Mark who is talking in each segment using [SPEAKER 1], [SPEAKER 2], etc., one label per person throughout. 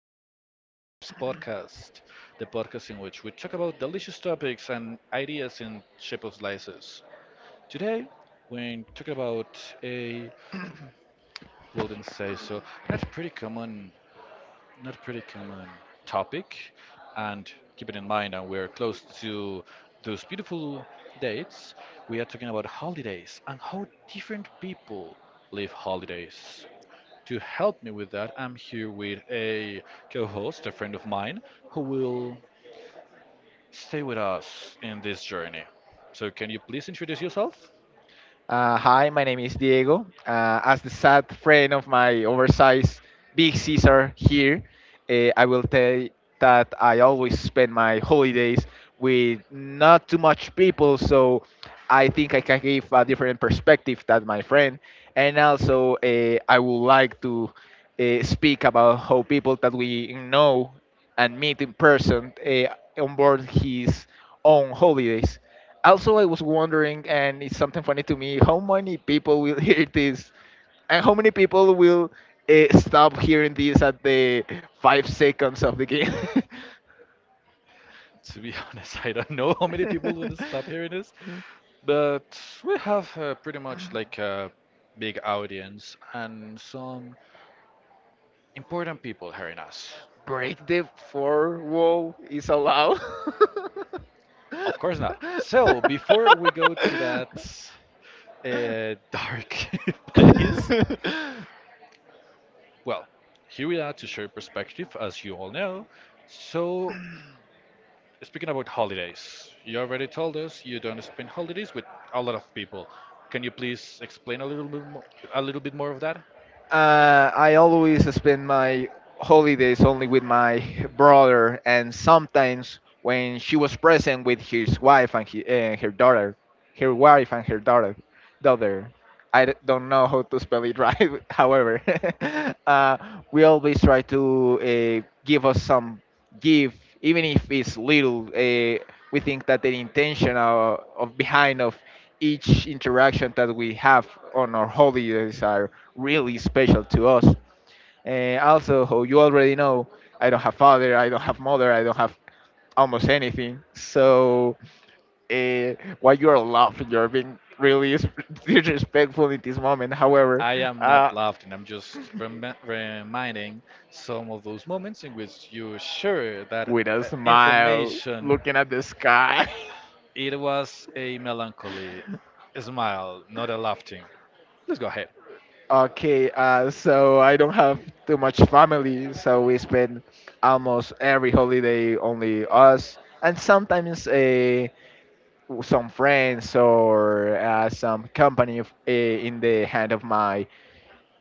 [SPEAKER 1] to Big Caesar's podcast, the podcast in which we talk about delicious topics and ideas in shape of slices. Today, we're talking about a, wouldn't say so, not pretty common, not pretty common topic. And keep it in mind, and we're close to those beautiful dates. We are talking about holidays and how different people live holidays. To help me with that, I'm here with a co host, a friend of mine, who will stay with us in this journey. So, can you please introduce yourself?
[SPEAKER 2] Hi, my name is Diego. As the sad friend of my oversized Big Caesar here, I will tell that I always spend my holidays with not too much people, so I think I can give a different perspective than my friend. And also, I would like to speak about how people that we know and meet in person on board his own holidays. Also, I was wondering, and it's something funny to me, how many people will hear this, and how many people will stop hearing this at the 5 seconds of the game.
[SPEAKER 1] To be honest, I don't know how many people would stop hearing this, but we have pretty much like a big audience and some important people hearing us.
[SPEAKER 2] Break the four wall is allowed.
[SPEAKER 1] Of course not. So, before we go to that dark place. Well, here we are to share perspective, as you all know. So, speaking about holidays, you already told us you don't spend holidays with a lot of people. Can you please explain a little bit more, of that?
[SPEAKER 2] I always spend my holidays only with my brother, and sometimes when she was present with his wife and he, her daughter, her wife and her daughter, daughter. Don't know how to spell it right. However, uh, we always try to give us some gift, even if it's little. We think that the intention of behind of each interaction that we have on our holidays are really special to us. Also, how you already know, I don't have father, I don't have mother, I don't have almost anything. So, uh, while you're laughing, you're being really dis- disrespectful in this moment. However,
[SPEAKER 1] I am
[SPEAKER 2] uh,
[SPEAKER 1] not laughing. I'm just reminding some of those moments in which you share that
[SPEAKER 2] with a smile,
[SPEAKER 1] information.
[SPEAKER 2] looking at the sky.
[SPEAKER 1] It was a melancholy smile, not a laughing. Let's go ahead.
[SPEAKER 2] Okay, so I don't have too much family, so we spend almost every holiday only us, and sometimes some friends or some company of, in the hand of my.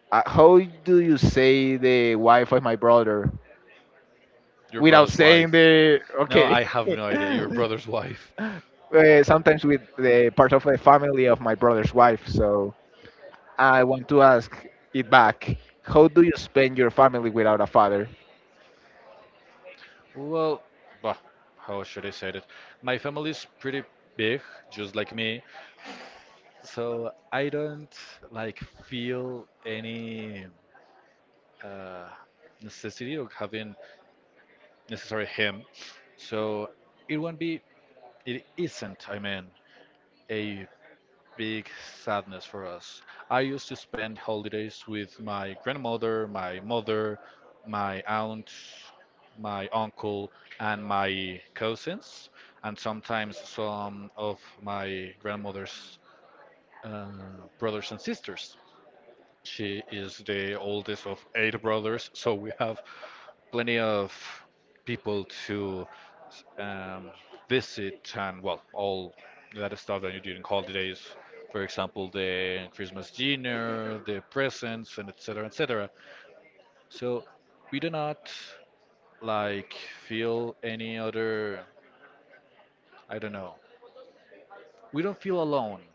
[SPEAKER 2] How do you say the wife of my brother
[SPEAKER 1] Your
[SPEAKER 2] without
[SPEAKER 1] brother's
[SPEAKER 2] saying
[SPEAKER 1] wife.
[SPEAKER 2] the
[SPEAKER 1] No,
[SPEAKER 2] okay?
[SPEAKER 1] I have no idea.
[SPEAKER 2] uh,
[SPEAKER 1] Your brother's wife.
[SPEAKER 2] Sometimes with the part of the family of my brother's wife. So I want to ask it back. How do you spend your family without a father?
[SPEAKER 1] Well, bah, how should I say it? My family is pretty big, just like me, so I don't like feel any uh, necessity of having necessary him. So it won't be, it isn't, I mean, a big sadness for us. I used to spend holidays with my grandmother, my mother, my aunt, my uncle, and my cousins, and sometimes some of my grandmother's uh, brothers and sisters. She is the oldest of eight brothers, so we have plenty of people to um, visit and well, all that stuff that you do in holidays. For example, the Christmas dinner, the presents, and etc. etc. So we do not like feel any other. I don't know. We don't feel alone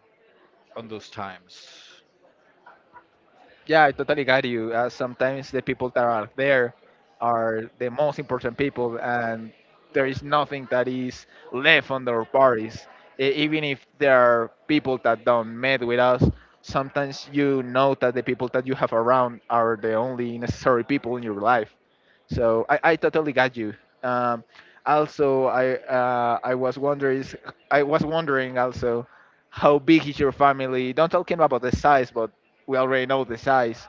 [SPEAKER 1] on those times.
[SPEAKER 2] Yeah, I totally got you. Sometimes the people that are there are the most important people, and there is nothing that is left on their parties. E- Even if there are people that don't met with us, sometimes you know that the people that you have around are the only necessary people in your life. So I totally got you. Um, also, I was wondering also how big is your family? Don't talking about the size, but we already know the size.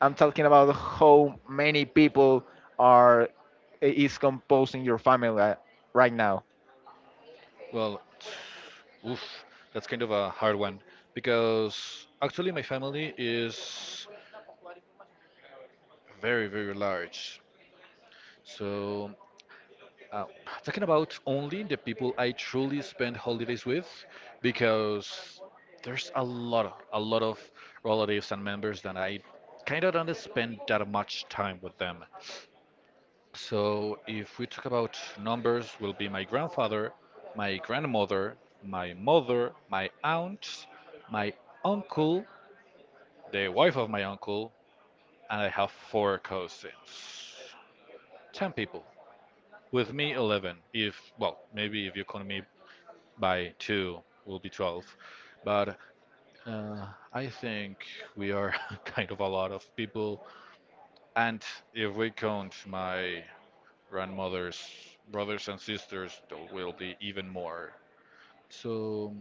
[SPEAKER 2] I'm talking about how many people are is composing your family right now.
[SPEAKER 1] Well, oof, that's kind of a hard one because actually my family is very large. So, uh, talking about only the people I truly spend holidays with, because there's a lot of relatives and members that I kind of don't spend that much time with them. So, if we talk about numbers, will be my grandfather, my grandmother, my mother, my aunt, my uncle, the wife of my uncle, and I have four cousins. Ten people. With me, 11. If, well, maybe if you count me by two, will be 12. But uh, I think we are kind of a lot of people. And if we count my grandmother's brothers and sisters, there will be even more. So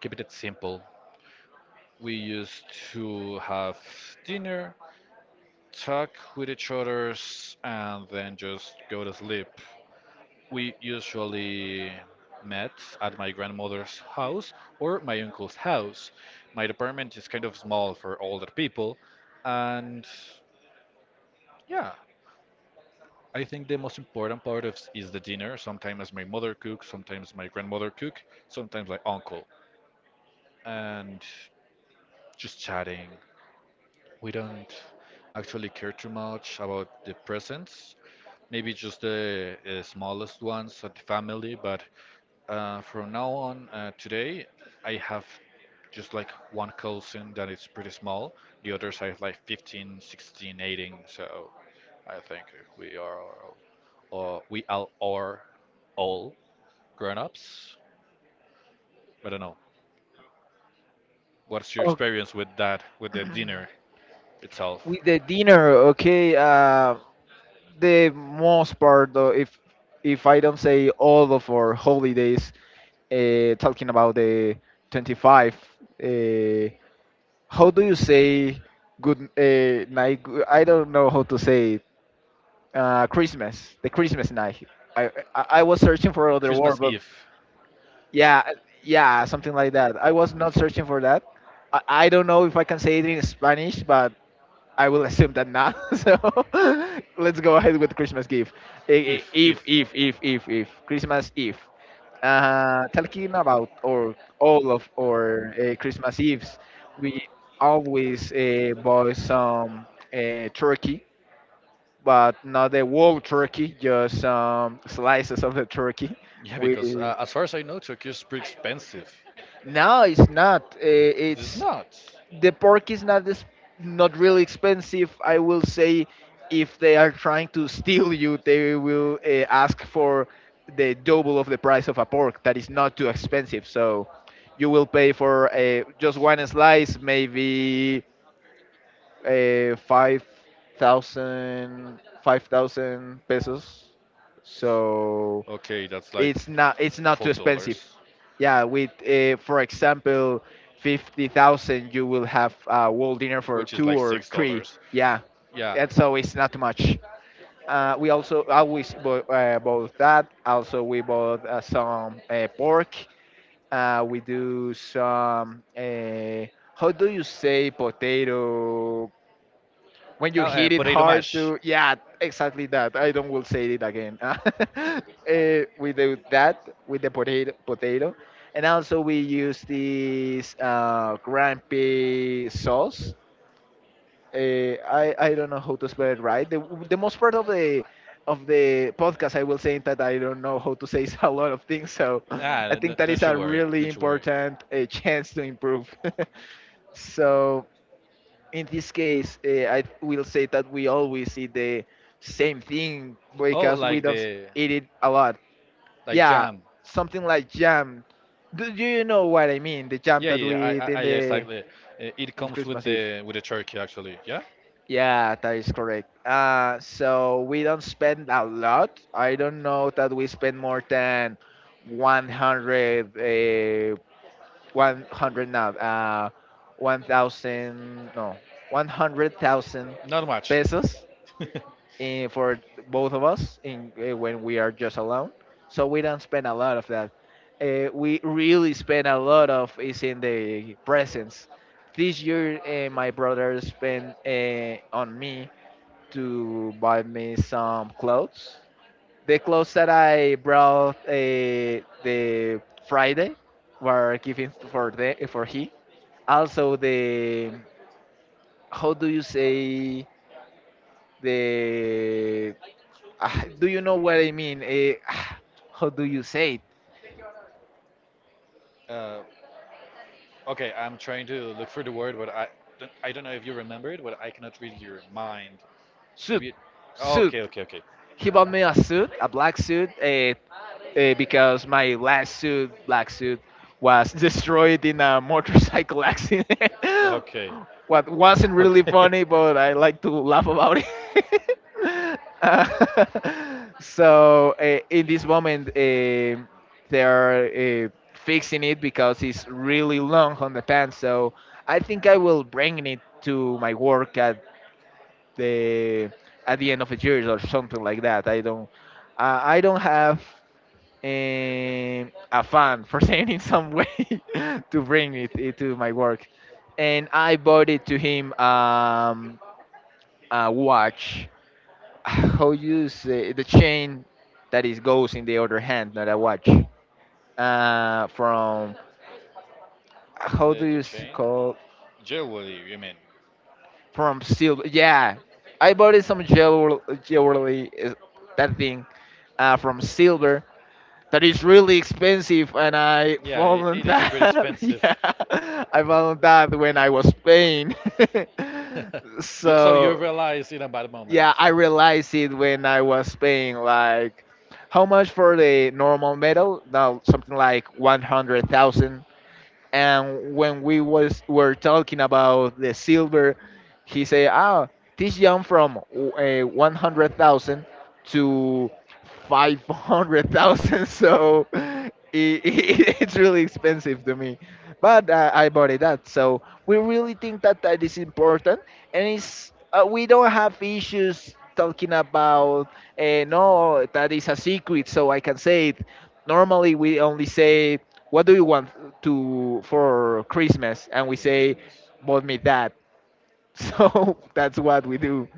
[SPEAKER 1] keep it simple. We used to have dinner, talk with each others, and then just go to sleep. We usually met at my grandmother's house or my uncle's house. My apartment is kind of small for older people, and yeah, I think the most important part of is the dinner. Sometimes my mother cooks, sometimes my grandmother cook, sometimes my uncle, and just chatting. We don't actually care too much about the presents, maybe just the smallest ones at the family. But from now on, today, I have just like one cousin that is pretty small. The others are like 15, 16, 18. So I think we are we all are all grown-ups. I don't know. What's your
[SPEAKER 2] Oh.
[SPEAKER 1] experience with that, with the dinner itself?
[SPEAKER 2] With the dinner, okay, the most part, if I don't say all of our holidays, talking about the 25, uh, how do you say good night? I don't know how to say it. Christmas, the Christmas night. I was searching for other word,
[SPEAKER 1] Christmas
[SPEAKER 2] but
[SPEAKER 1] Eve.
[SPEAKER 2] yeah, yeah, something like that. I was not searching for that. I don't know if I can say it in Spanish, but I will assume that not. So let's go ahead with Christmas gift. I- i-
[SPEAKER 1] Eve,
[SPEAKER 2] If,
[SPEAKER 1] Eve.
[SPEAKER 2] if, if, if, if Christmas Eve. Talking about or all of our Christmas Eves, we always buy some turkey, but not the whole turkey, just slices of the turkey.
[SPEAKER 1] Yeah,
[SPEAKER 2] We.
[SPEAKER 1] because as far as I know, Tokyo is pretty expensive.
[SPEAKER 2] No, it's not. Uh,
[SPEAKER 1] It is
[SPEAKER 2] It's
[SPEAKER 1] not.
[SPEAKER 2] the pork is not this, not really expensive. I will say, if they are trying to steal you, they will ask for the double of the price of a pork. That is not too expensive, so you will pay for just one slice, maybe uh, five 5,000 pesos. So
[SPEAKER 1] Okay, that's like
[SPEAKER 2] it's not too
[SPEAKER 1] four
[SPEAKER 2] expensive,
[SPEAKER 1] dollars,
[SPEAKER 2] yeah, with for example 50,000 you will have a whole dinner for
[SPEAKER 1] which is
[SPEAKER 2] two
[SPEAKER 1] like
[SPEAKER 2] or
[SPEAKER 1] six
[SPEAKER 2] three,
[SPEAKER 1] dollars.
[SPEAKER 2] yeah,
[SPEAKER 1] Yeah.
[SPEAKER 2] and so it's not too much. We also always bought that. Also we bought some pork. We do some how do you say potato when you
[SPEAKER 1] Oh,
[SPEAKER 2] hit it
[SPEAKER 1] potato
[SPEAKER 2] hard
[SPEAKER 1] mash.
[SPEAKER 2] to, yeah, exactly that. I don't will say it again. Eh, we do that with the potato and also we use this grumpy sauce. Eh, I don't know how to spell it right. The most part of the podcast I will say that I don't know how to say a lot of things, so
[SPEAKER 1] Ah,
[SPEAKER 2] I think that is
[SPEAKER 1] don't you
[SPEAKER 2] a
[SPEAKER 1] worry.
[SPEAKER 2] really
[SPEAKER 1] Don't you worry.
[SPEAKER 2] important chance to improve. So in this case, I will say that we always eat the same thing
[SPEAKER 1] Oh,
[SPEAKER 2] because we
[SPEAKER 1] like
[SPEAKER 2] don't
[SPEAKER 1] the.
[SPEAKER 2] eat it a lot.
[SPEAKER 1] Like
[SPEAKER 2] Yeah,
[SPEAKER 1] jam.
[SPEAKER 2] something like jam. Do you know what I mean? The jam
[SPEAKER 1] Yeah,
[SPEAKER 2] that
[SPEAKER 1] yeah, yeah. I,
[SPEAKER 2] we eat
[SPEAKER 1] I, I exactly. It
[SPEAKER 2] in the
[SPEAKER 1] comes
[SPEAKER 2] Christmas Eve.
[SPEAKER 1] with the turkey actually. Yeah,
[SPEAKER 2] Yeah, that is correct. So we don't spend a lot. I don't know that we spend more than 100, 100 now, 1,000, no, 100,000
[SPEAKER 1] not much.
[SPEAKER 2] pesos, eh, for both of us in when we are just alone. So we don't spend a lot of that. We really spend a lot of is in the presents. This year, my brother spent on me to buy me some clothes. The clothes that I brought the Friday were given for the for he. Also the how do you say the. Ah, do you know what I mean? Eh, ah, how do you say it?
[SPEAKER 1] uh, okay, I'm trying to look for the word, but I don't know if you remember it, but I cannot read your mind.
[SPEAKER 2] Suit,
[SPEAKER 1] Maybe. Sí.
[SPEAKER 2] Suit.
[SPEAKER 1] Okay, okay, okay.
[SPEAKER 2] He bought me a suit, a black suit, because my last suit, black suit, was destroyed in a motorcycle accident.
[SPEAKER 1] Okay.
[SPEAKER 2] What wasn't really funny, but I like to laugh about it. Uh, so in this moment, they're fixing it because it's really long on the pants. So I think I will bring it to my work the at the end of the year or something like that. I don't have um, a fan for saying in some way to bring it to my work, and I bought it to him a watch. How you say the chain that is goes in the other hand, not a watch. From
[SPEAKER 1] like.
[SPEAKER 2] how do you
[SPEAKER 1] The
[SPEAKER 2] s-
[SPEAKER 1] chain?
[SPEAKER 2] call
[SPEAKER 1] Jewelry, you mean?
[SPEAKER 2] from silver. Yeah, I bought it some jewelry, that thing, from silver that is really expensive, and I found on that. Yeah, I found that when I was paying. So
[SPEAKER 1] realize in a bad
[SPEAKER 2] yeah, I realized it when I was paying like. How much for the normal metal? Now something like 100,000, and when we was were talking about the silver he said ah this jump from 100,000 to 500,000. So it's really expensive to me, but I bought it that so we really think that that is important, and it's we don't have issues talking about no that is a secret so I can say it. Normally we only say what do you want to for Christmas? And we say,
[SPEAKER 1] business.
[SPEAKER 2] bought me that. So that's what we do.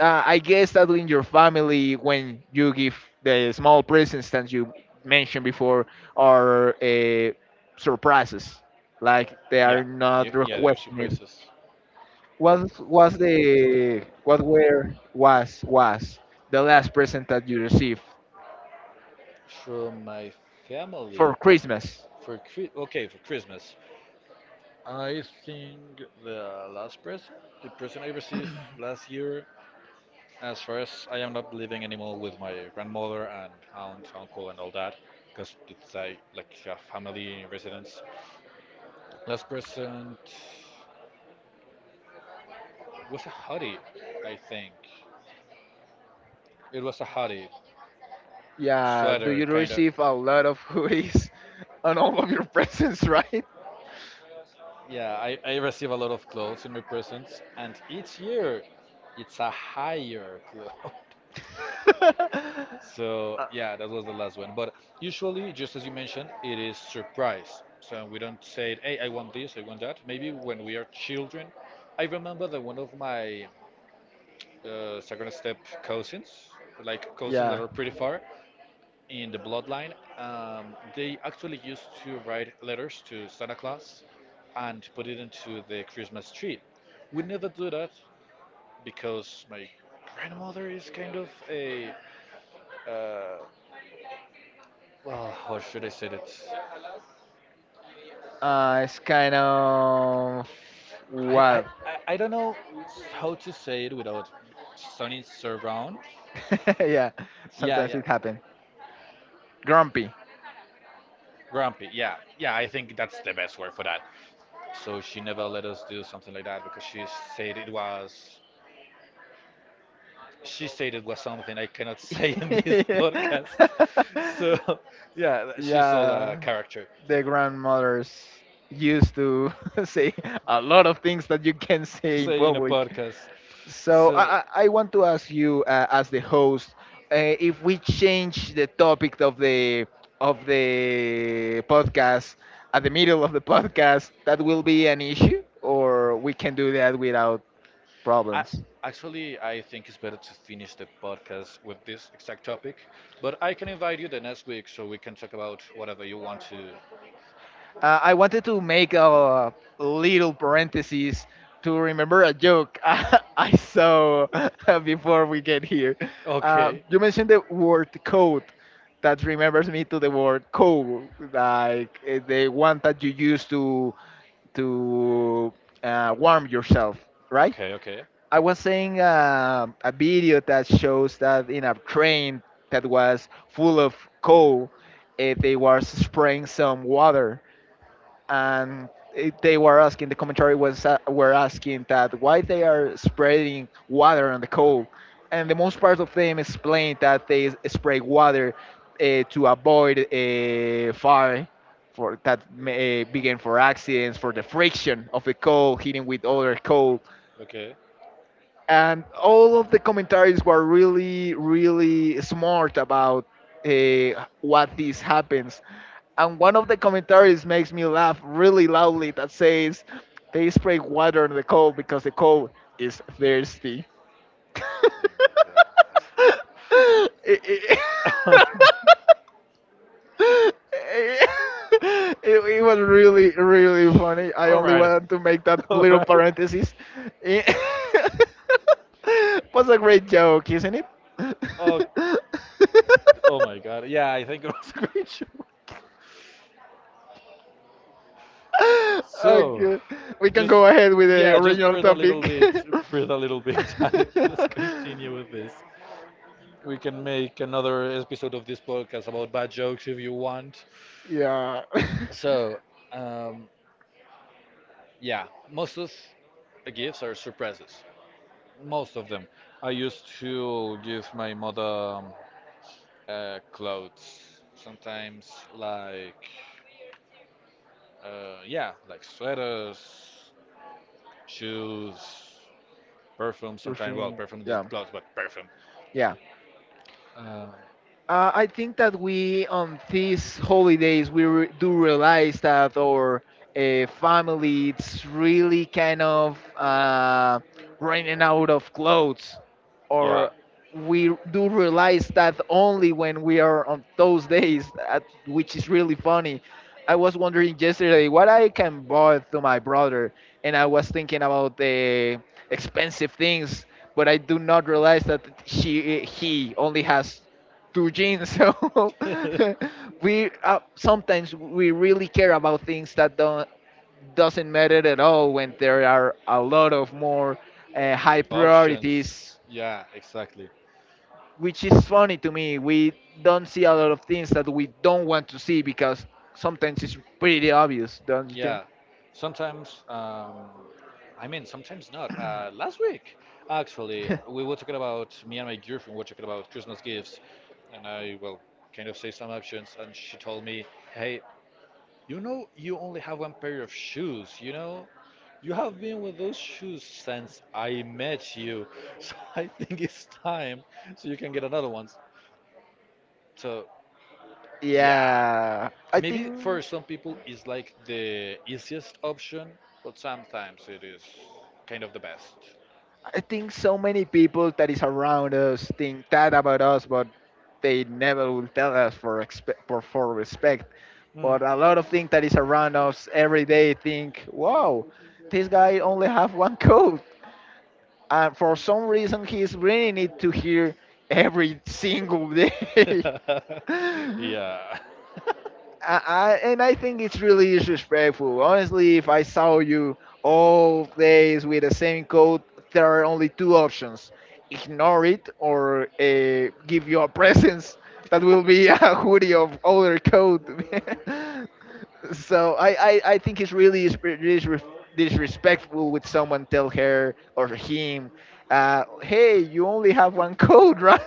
[SPEAKER 2] I guess that in your family, when you give the small presents that you mentioned before, are surprises, like they
[SPEAKER 1] Yeah,
[SPEAKER 2] are not
[SPEAKER 1] yeah, they are
[SPEAKER 2] requesting it.
[SPEAKER 1] surprises
[SPEAKER 2] What were was the last present that you received
[SPEAKER 1] from my family
[SPEAKER 2] for Christmas?
[SPEAKER 1] for okay, for Christmas. I think the last present, the present I received last year, as far as I am not living anymore with my grandmother and aunt, uncle, and all that, because it's like a family residence. Last present was a hoodie, I think. It was a hoodie,
[SPEAKER 2] Yeah, do
[SPEAKER 1] sweater
[SPEAKER 2] you
[SPEAKER 1] kind of.
[SPEAKER 2] receive a lot of hoodies on all of your presents, right?
[SPEAKER 1] Yeah, I receive a lot of clothes in my presents, and each year it's a higher clothes. So
[SPEAKER 2] Uh,
[SPEAKER 1] yeah, that was the last one. But usually, just as you mentioned, it is surprise. So we don't say, it, "Hey, I want this, I want that." Maybe when we are children, I remember that one of my second step cousins, like cousins that
[SPEAKER 2] yeah,
[SPEAKER 1] are pretty far, in the bloodline, they actually used to write letters to Santa Claus and put it into the Christmas tree. We never do that because my grandmother is kind of a uh, well, how should I say it?
[SPEAKER 2] it's kind of
[SPEAKER 1] I, I,
[SPEAKER 2] wild.
[SPEAKER 1] I don't know how to say it without sounding so wrong.
[SPEAKER 2] Yeah,
[SPEAKER 1] Yeah,
[SPEAKER 2] sometimes
[SPEAKER 1] yeah.
[SPEAKER 2] it happens. Grumpy.
[SPEAKER 1] Grumpy. Yeah, yeah. I think that's the best word for that. So she never let us do something like that because said it was she stated was something I cannot say in this podcast. So, yeah, she sold a
[SPEAKER 2] Yeah,
[SPEAKER 1] character
[SPEAKER 2] the grandmothers used to say a lot of things that you can
[SPEAKER 1] to
[SPEAKER 2] say in
[SPEAKER 1] say in a
[SPEAKER 2] public.
[SPEAKER 1] podcast.
[SPEAKER 2] So I,
[SPEAKER 1] So,
[SPEAKER 2] I I want to ask you, as the host, if we change the topic of the podcast at the middle of the podcast, that will be an issue, or we can do that without
[SPEAKER 1] I
[SPEAKER 2] problems.
[SPEAKER 1] actually I think it's better to finish the podcast with this exact topic, but I can invite you the next week so we can talk about whatever you want to.
[SPEAKER 2] I wanted to make a little parenthesis to remember a joke I saw before we get here.
[SPEAKER 1] Okay.
[SPEAKER 2] You mentioned the word code. That remembers me to the word "coal," like eh, the one that you use to to warm yourself, right?
[SPEAKER 1] Okay. Okay.
[SPEAKER 2] I was saying a video that shows that in a train that was full of coal, they were spraying some water and they were asking the commentary was were asking that why they are spreading water on the coal, and the most part of them explained that they spray water to avoid a fire for that may, begin for accidents for the friction of the coal hitting with other coal,
[SPEAKER 1] Okay.
[SPEAKER 2] and all of the commentaries were really really smart about what this happens. And one of the commentaries makes me laugh really loudly that says they spray water on the cow because the cow is thirsty. It- it- it, it was really really funny. I
[SPEAKER 1] All
[SPEAKER 2] only
[SPEAKER 1] right.
[SPEAKER 2] wanted to make that
[SPEAKER 1] All
[SPEAKER 2] little
[SPEAKER 1] right.
[SPEAKER 2] parenthesis. It was a great joke, isn't it?
[SPEAKER 1] Oh. Oh my God. Yeah, I think it was a great show. So,
[SPEAKER 2] Okay, we can
[SPEAKER 1] just
[SPEAKER 2] go ahead with the
[SPEAKER 1] yeah, just
[SPEAKER 2] original
[SPEAKER 1] breathe a little
[SPEAKER 2] topic.
[SPEAKER 1] bit, breathe a little bit, and let's continue with this. We can make another episode of this podcast about bad jokes if you want.
[SPEAKER 2] Yeah.
[SPEAKER 1] So, um, yeah, most of the gifts are surprises. Most of them. I used to give my mother clothes, sometimes like, yeah, like sweaters, shoes, perfume
[SPEAKER 2] Your
[SPEAKER 1] sometimes. Well,
[SPEAKER 2] thing.
[SPEAKER 1] perfume is
[SPEAKER 2] Yeah.
[SPEAKER 1] clothes, but perfume.
[SPEAKER 2] Yeah.
[SPEAKER 1] Uh,
[SPEAKER 2] I think that we, on these holidays, we do realize that our family it's really kind of running out of clothes,
[SPEAKER 1] yeah.
[SPEAKER 2] or we do realize that only when we are on those days, that, which is really funny. I was wondering yesterday what I can buy to my brother, and I was thinking about the expensive things, but I do not realize that she he only has to gym. So we sometimes we really care about things that don't doesn't matter at all when there are a lot of more high
[SPEAKER 1] Options.
[SPEAKER 2] priorities,
[SPEAKER 1] Yeah, exactly.
[SPEAKER 2] which is funny to me. We don't see a lot of things that we don't want to see because sometimes it's pretty obvious, don't you think?
[SPEAKER 1] Yeah. Sometimes, I mean, sometimes not. Last week, actually, we were talking about me and my girlfriend were talking about Christmas gifts, and I well kind of say some options, and she told me, "Hey, you know, you only have one pair of shoes, you know? You have been with those shoes since I met you, so I think it's time so you can get another one." So, yeah.
[SPEAKER 2] Yeah, I
[SPEAKER 1] Maybe
[SPEAKER 2] think.
[SPEAKER 1] for some people it's like the easiest option, but sometimes it is kind of the best.
[SPEAKER 2] I think so many people that is around us think that about us, but they never will tell us for for respect.
[SPEAKER 1] Mm.
[SPEAKER 2] But a lot of things that is around us every day think, wow, this guy only have one coat, and for some reason he's bringing it to here every single day.
[SPEAKER 1] yeah,
[SPEAKER 2] I and I think it's really disrespectful. Honestly, if I saw you all days with the same coat, there are only two options: ignore it or give you a presents that will be a hoodie of other coat. So I think it's really disrespectful with someone tell her or him, hey, you only have one coat, right?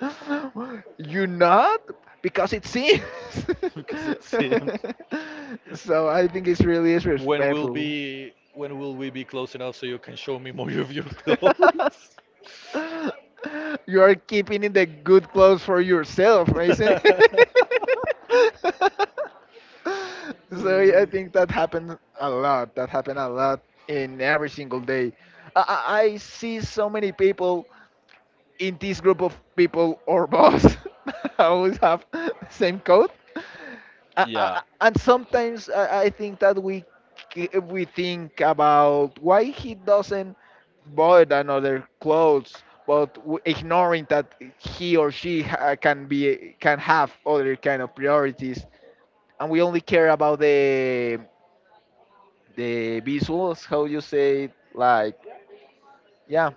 [SPEAKER 2] You not? Because it seems.
[SPEAKER 1] because it seems.
[SPEAKER 2] So I think it's really is
[SPEAKER 1] When will
[SPEAKER 2] respectful.
[SPEAKER 1] be when will we be close enough so you can show me more of your clothes?
[SPEAKER 2] You are keeping in the good clothes for yourself, isn't it? So yeah, I
[SPEAKER 1] Mm.
[SPEAKER 2] think that happened a lot. That happened a lot in every single day. I, I see so many people in this group of people or boss always have the same coat,
[SPEAKER 1] yeah,
[SPEAKER 2] and sometimes I think that we we think about why he doesn't buy another clothes, but ignoring that he or she can have other kind of priorities, and we only care about the visuals. How you say it, like yeah,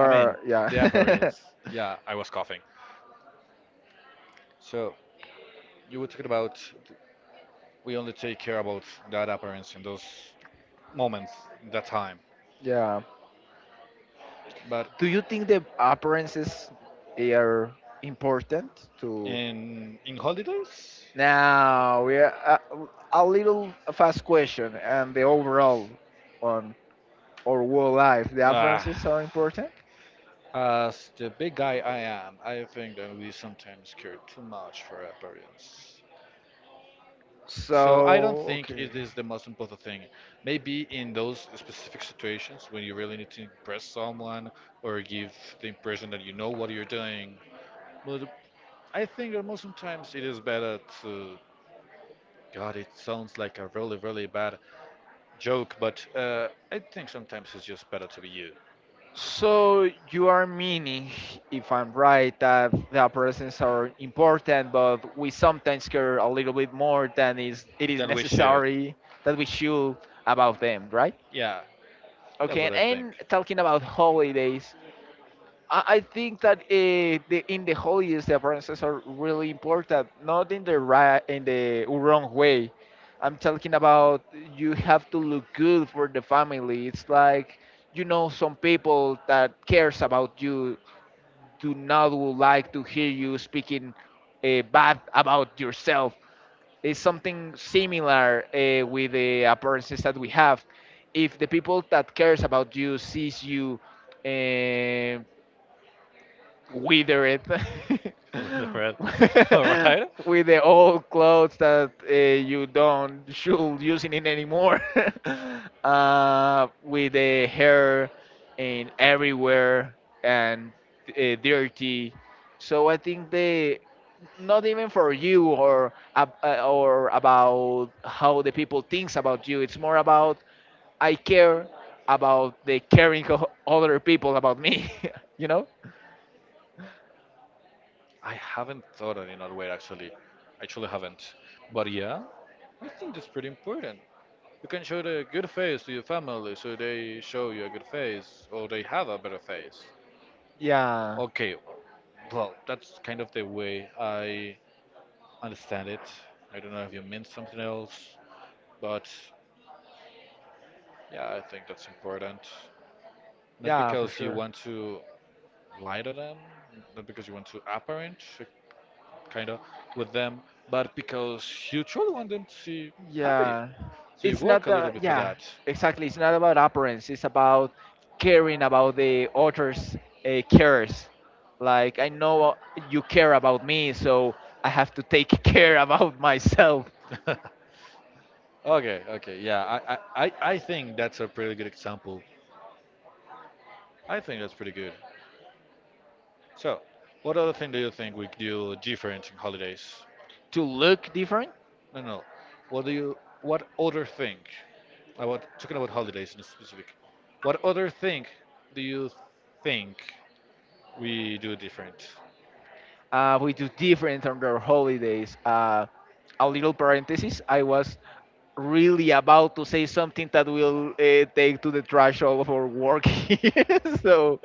[SPEAKER 1] I mean
[SPEAKER 2] yeah.
[SPEAKER 1] the appearance. Yeah, I was coughing. So you were talking about we only take care about that appearance in those moments, in that time.
[SPEAKER 2] Yeah.
[SPEAKER 1] But
[SPEAKER 2] Do you think the appearances are important to?
[SPEAKER 1] in holidays?
[SPEAKER 2] Now we are a little fast question and the overall on our world life. The
[SPEAKER 1] Ah,
[SPEAKER 2] differences are important.
[SPEAKER 1] as the big guy I am, I think that we sometimes care too much for appearance. So I don't
[SPEAKER 2] So
[SPEAKER 1] think
[SPEAKER 2] okay.
[SPEAKER 1] it is the most important thing. Maybe in those specific situations when you really need to impress someone or give the impression that you know what you're doing. But I think that most sometimes it is better to. God, it sounds like a really, really bad joke, but I think sometimes it's just better to be you
[SPEAKER 2] So you are meaning, if I'm right, that the appearances are important, but we sometimes care a little bit more than is it is
[SPEAKER 1] than we should.
[SPEAKER 2] necessary that we should about them, right?
[SPEAKER 1] Yeah,
[SPEAKER 2] Okay,
[SPEAKER 1] that's what
[SPEAKER 2] and,
[SPEAKER 1] I think.
[SPEAKER 2] and talking about holidays, I think that the, in the holidays the appearances are really important, not in the right in the wrong way. I'm talking about you have to look good for the family. It's like you know some people that cares about you do not would like to hear you speaking bad about yourself. It's something similar with the appearances that we have. If the people that cares about you sees you uh, wither it
[SPEAKER 1] With the red. All right.
[SPEAKER 2] with the old clothes that you don't should using it anymore, with the hair in everywhere and dirty, so I think they not even for you or or about how the people thinks about you. It's more about I care about the caring of other people about me. You know?
[SPEAKER 1] I haven't thought of it in other way actually. I truly haven't. But yeah, I think that's pretty important. You can show the good face to your family so they show you a good face or they have a better face.
[SPEAKER 2] Yeah.
[SPEAKER 1] Okay, well, that's kind of the way I understand it. I don't know if you meant something else, but yeah, I think that's important. Not
[SPEAKER 2] Yeah, for
[SPEAKER 1] because you
[SPEAKER 2] sure.
[SPEAKER 1] want to lie to them, not because you want to apparent, kind of, with them, but because you truly want them to see happy.
[SPEAKER 2] Yeah.
[SPEAKER 1] So you
[SPEAKER 2] It's not
[SPEAKER 1] work a little
[SPEAKER 2] the
[SPEAKER 1] bit for
[SPEAKER 2] yeah,
[SPEAKER 1] that.
[SPEAKER 2] exactly. It's not about appearance. It's about caring about the author's cares. Like I know you care about me, so I have to take care about myself
[SPEAKER 1] Okay, okay, yeah, I think that's a pretty good example. I think that's pretty good. So, what other thing do you think we do different in holidays?
[SPEAKER 2] to look different.
[SPEAKER 1] No, no. What do you? What other thing? I was talking about holidays in specific. What other thing do you think we do different?
[SPEAKER 2] We do different on their holidays. A little parenthesis. I was really about to say something that will take to the trash all of our work here. So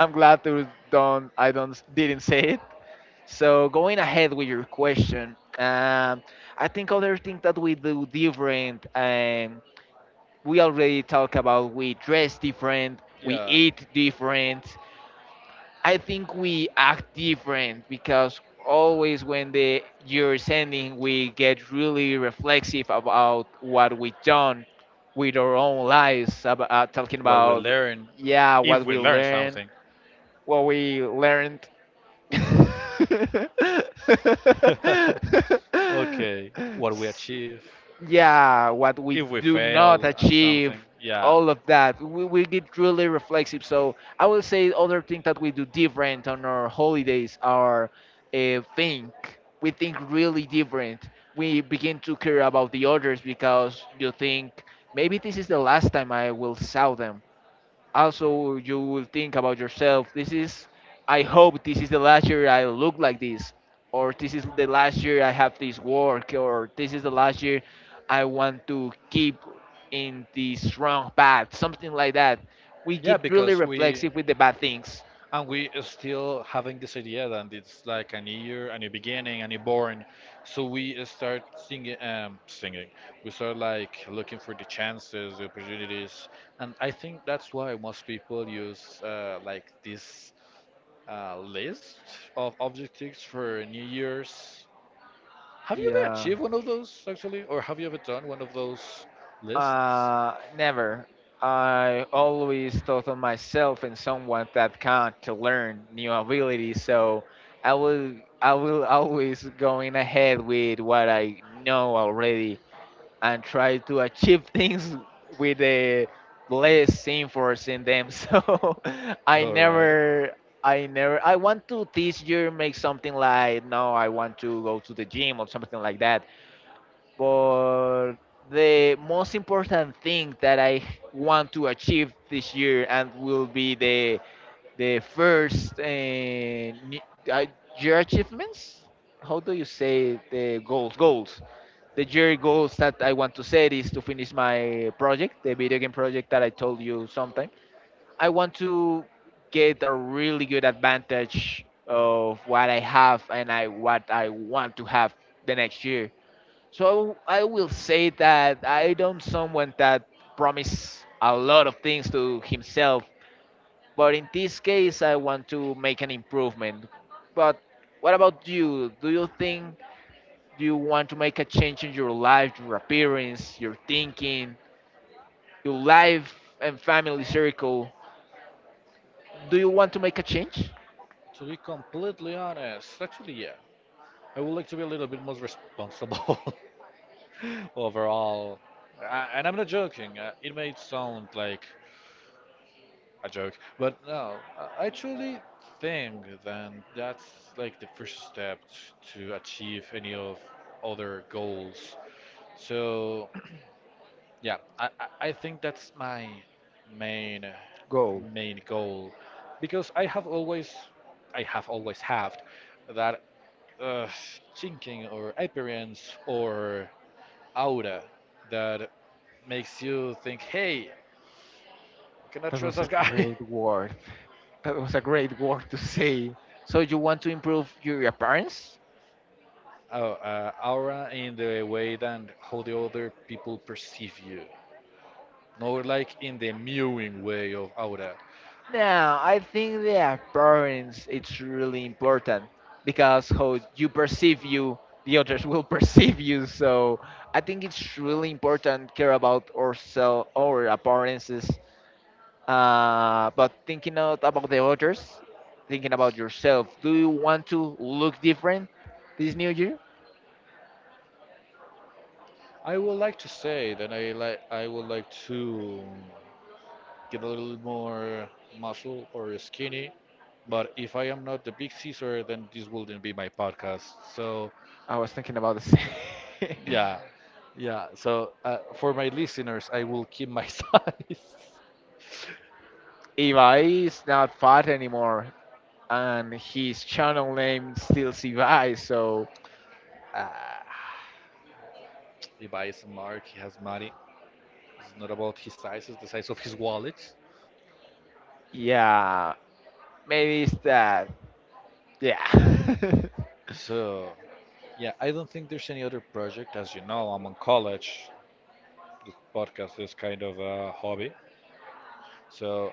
[SPEAKER 2] I'm glad to don't I don't didn't say it. So going ahead with your question, I think other thing that we do different. We already talk about we dress different, we
[SPEAKER 1] Yeah.
[SPEAKER 2] eat different, I think we act different because always when the year's ending, we get really reflexive about what we done with our own lives, about, talking
[SPEAKER 1] What we
[SPEAKER 2] about,
[SPEAKER 1] learn,
[SPEAKER 2] yeah,
[SPEAKER 1] if
[SPEAKER 2] what
[SPEAKER 1] we
[SPEAKER 2] we
[SPEAKER 1] learn
[SPEAKER 2] learned,
[SPEAKER 1] something.
[SPEAKER 2] what we learned.
[SPEAKER 1] okay. What we achieve,
[SPEAKER 2] Yeah, what we
[SPEAKER 1] if we
[SPEAKER 2] do not
[SPEAKER 1] fail on
[SPEAKER 2] achieve,
[SPEAKER 1] something. Yeah.
[SPEAKER 2] all of that. We get really reflexive. So I will say other thing that we do different on our holidays are think. We think really different. We begin to care about the others because you think maybe this is the last time I will saw them. Also, you will think about yourself. This is, I hope this is the last year I look like this, or this is the last year I have this work, or this is the last year I want to keep in this wrong path, something like that. We
[SPEAKER 1] Yeah,
[SPEAKER 2] get really
[SPEAKER 1] because we.
[SPEAKER 2] reflexive with the bad things.
[SPEAKER 1] And we still having this idea that it's like a new year, a new beginning, a new born. So we start singing, singing. We start like looking for the chances, the opportunities, and I think that's why most people use like this list of objectives for New Year's. Have you ever
[SPEAKER 2] Yeah.
[SPEAKER 1] achieved one of those actually, or have you ever done one of those lists?
[SPEAKER 2] Never. I always thought of myself and someone that can't to learn new abilities, so I will always going ahead with what I know already and try to achieve things with a less efforts in them. So I
[SPEAKER 1] All right.
[SPEAKER 2] never I never I want to this year make something like no I want to go to the gym or something like that, but the most important thing that I want to achieve this year and will be the first uh, year achievements. How do you say the goals? Goals. The year goals that I want to set is to finish my project, the video game project that I told you sometime. I want to get a really good advantage of what I have and I what I want to have the next year, so I will say that I don't someone that promise a lot of things to himself, but in this case I want to make an improvement. But what about you? Do you think you want to make a change in your life, your appearance, your thinking, your life and family circle? Do you want to make a change?
[SPEAKER 1] To be completely honest, actually, yeah. I would like to be a little bit more responsible overall. I, and I'm not joking. It may sound like a joke, but no, I truly think then that's like the first step to achieve any of other goals. So yeah, I think that's my main
[SPEAKER 2] Go.
[SPEAKER 1] main goal because I have always had that thinking or appearance or aura that makes you think, hey, I cannot
[SPEAKER 2] That
[SPEAKER 1] trust
[SPEAKER 2] was a
[SPEAKER 1] that guy.
[SPEAKER 2] great word. That was a great word to say. So you want to improve your appearance?
[SPEAKER 1] Oh, aura in the way that how the other people perceive you, not like in the mewing way of aura.
[SPEAKER 2] Now, I think the appearance it's really important because how you perceive you, the others will perceive you. So I think it's really important care about ourselves, our appearances. But thinking out about the others, thinking about yourself. Do you want to look different this new year?
[SPEAKER 1] I would like to say that I would like to get a little more muscle or skinny, but if I am not the big Caesar, then this wouldn't be my podcast. So
[SPEAKER 2] I was thinking about the same.
[SPEAKER 1] yeah, yeah. So for my listeners, I will keep my size.
[SPEAKER 2] Ibai is not fat anymore, and his channel name still Ibai. So.
[SPEAKER 1] Uh, Levi is smart. He has money. It's not about his size. It's the size of his wallet.
[SPEAKER 2] Yeah, maybe it's that. Yeah.
[SPEAKER 1] So yeah, I don't think there's any other project. As you know, I'm in college. This podcast is kind of a hobby. So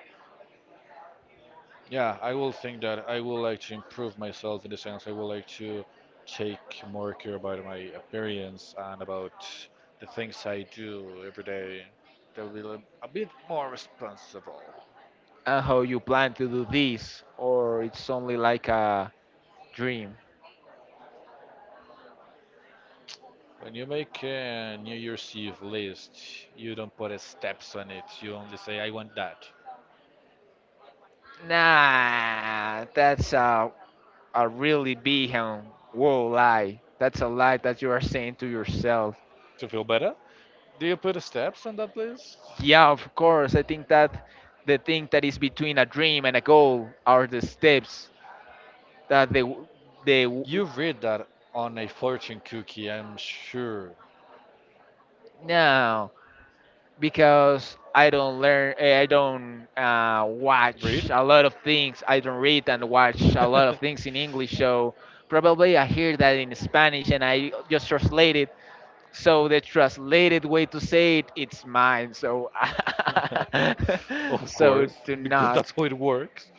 [SPEAKER 1] yeah, I will think that I would like to improve myself in the sense I would like to take more care about my appearance and about the things I do every day. That will be a bit more responsible.
[SPEAKER 2] And how you plan to do this, or it's only like a dream.
[SPEAKER 1] When you make a New Year's Eve list, you don't put steps on it. You only say, I want that.
[SPEAKER 2] Nah, that's a really big and whoa lie. That's a lie that you are saying to yourself.
[SPEAKER 1] To feel better? Do you put steps on that list?
[SPEAKER 2] Yeah, of course. I think that the thing that is between a dream and a goal are the steps that they, w-
[SPEAKER 1] You read that on a fortune cookie, I'm sure.
[SPEAKER 2] no. Because I don't learn, I don't watch
[SPEAKER 1] Read?
[SPEAKER 2] a lot of things. I don't read and watch a lot of things in English. So probably I hear that in Spanish and I just translate it. So the translated way to say it, it's mine. So,
[SPEAKER 1] Of
[SPEAKER 2] so
[SPEAKER 1] course,
[SPEAKER 2] do
[SPEAKER 1] because
[SPEAKER 2] not.
[SPEAKER 1] that's how it works.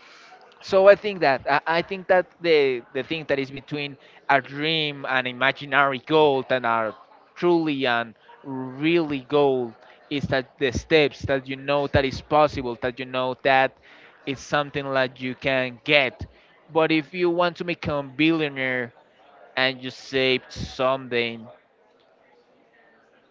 [SPEAKER 2] So I think that I think that the thing that is between a dream and imaginary goal and a truly and really goal is that the steps that you know that is possible that you know that it's something that you can get. But if you want to become billionaire and you saved something,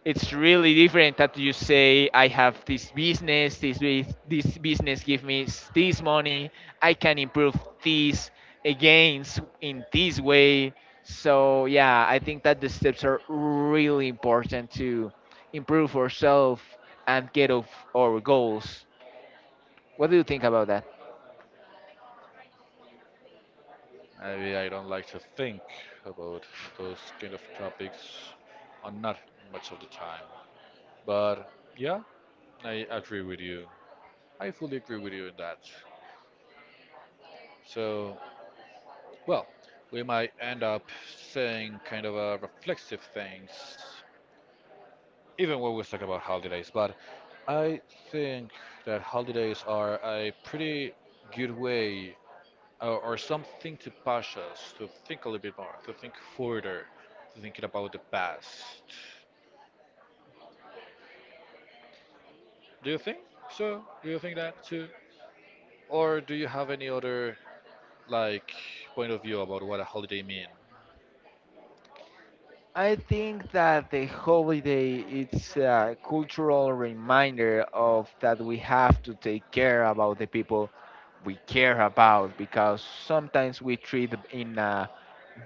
[SPEAKER 2] it's really different that you say I have this business, this business give me this money. I can improve this gains in this way. So yeah, I think that the steps are really important to improve ourselves and get of our goals. What do you think about that?
[SPEAKER 1] I don't like to think about those kind of topics, or not much of the time. But yeah, I agree with you. I fully agree with you in that. So, well, we might end up saying kind of a reflexive things even when we talk about holidays, but I think that holidays are a pretty good way or something to push us to think a little bit more, to think further, to thinking about the past. Do you think so? Do you think that too? Or do you have any other like point of view about what a holiday mean?
[SPEAKER 2] I think that the holiday it's a cultural reminder of that we have to take care about the people we care about, because sometimes we treat in a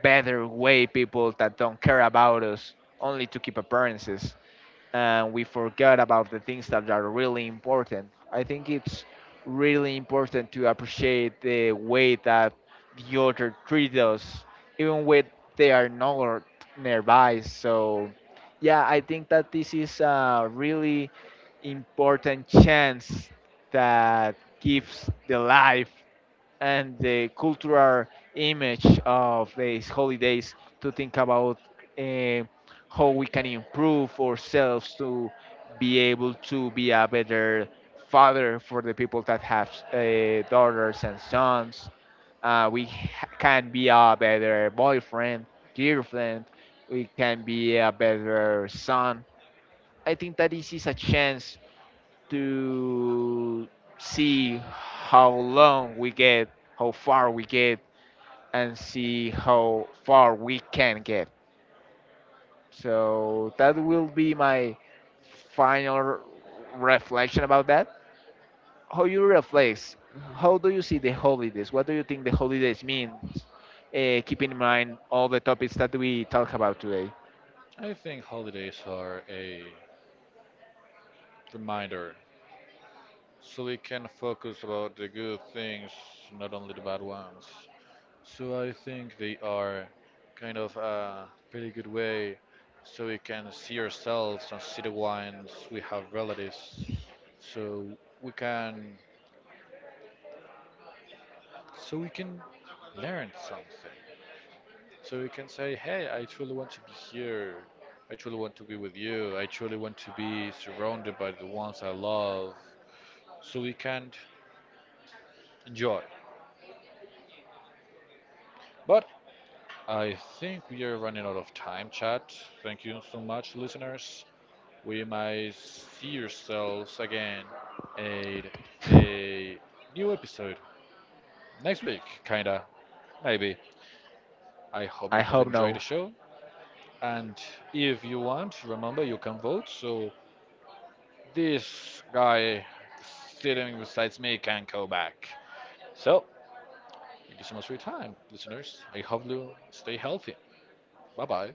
[SPEAKER 2] better way people that don't care about us only to keep appearances, and we forgot about the things that are really important. I think it's really important to appreciate the way that the other treat us, even when they are not nearby. So, yeah, I think that this is a really important chance that gives the life and the cultural image of these holidays to think about uh, how we can improve ourselves to be able to be a better father for the people that have daughters and sons. We can be a better boyfriend, girlfriend. We can be a better son. I think that this is a chance to see how long we get, how far we get, and see how far we can get. So that will be my final reflection about that. How you reflect? How do you see the holidays? What do you think the holidays mean? Keep in mind all the topics that we talk about today.
[SPEAKER 1] I think holidays are a reminder so we can focus about the good things, not only the bad ones. So I think they are kind of a pretty good way so we can see ourselves and see the wines we have relatives so we can, so we can learn something. So we can say, hey, I truly want to be here. I truly want to be with you. I truly want to be surrounded by the ones I love. So we can enjoy. But I think we are running out of time, chat. Thank you so much, listeners. We might see yourselves again at a new episode next week, kinda, maybe. I hope
[SPEAKER 2] I
[SPEAKER 1] you have
[SPEAKER 2] hope
[SPEAKER 1] enjoyed
[SPEAKER 2] no.
[SPEAKER 1] the show. And if you want, remember you can vote. So this guy sitting beside me can go back. So thank you so much for your time, listeners. I hope you stay healthy. Bye bye.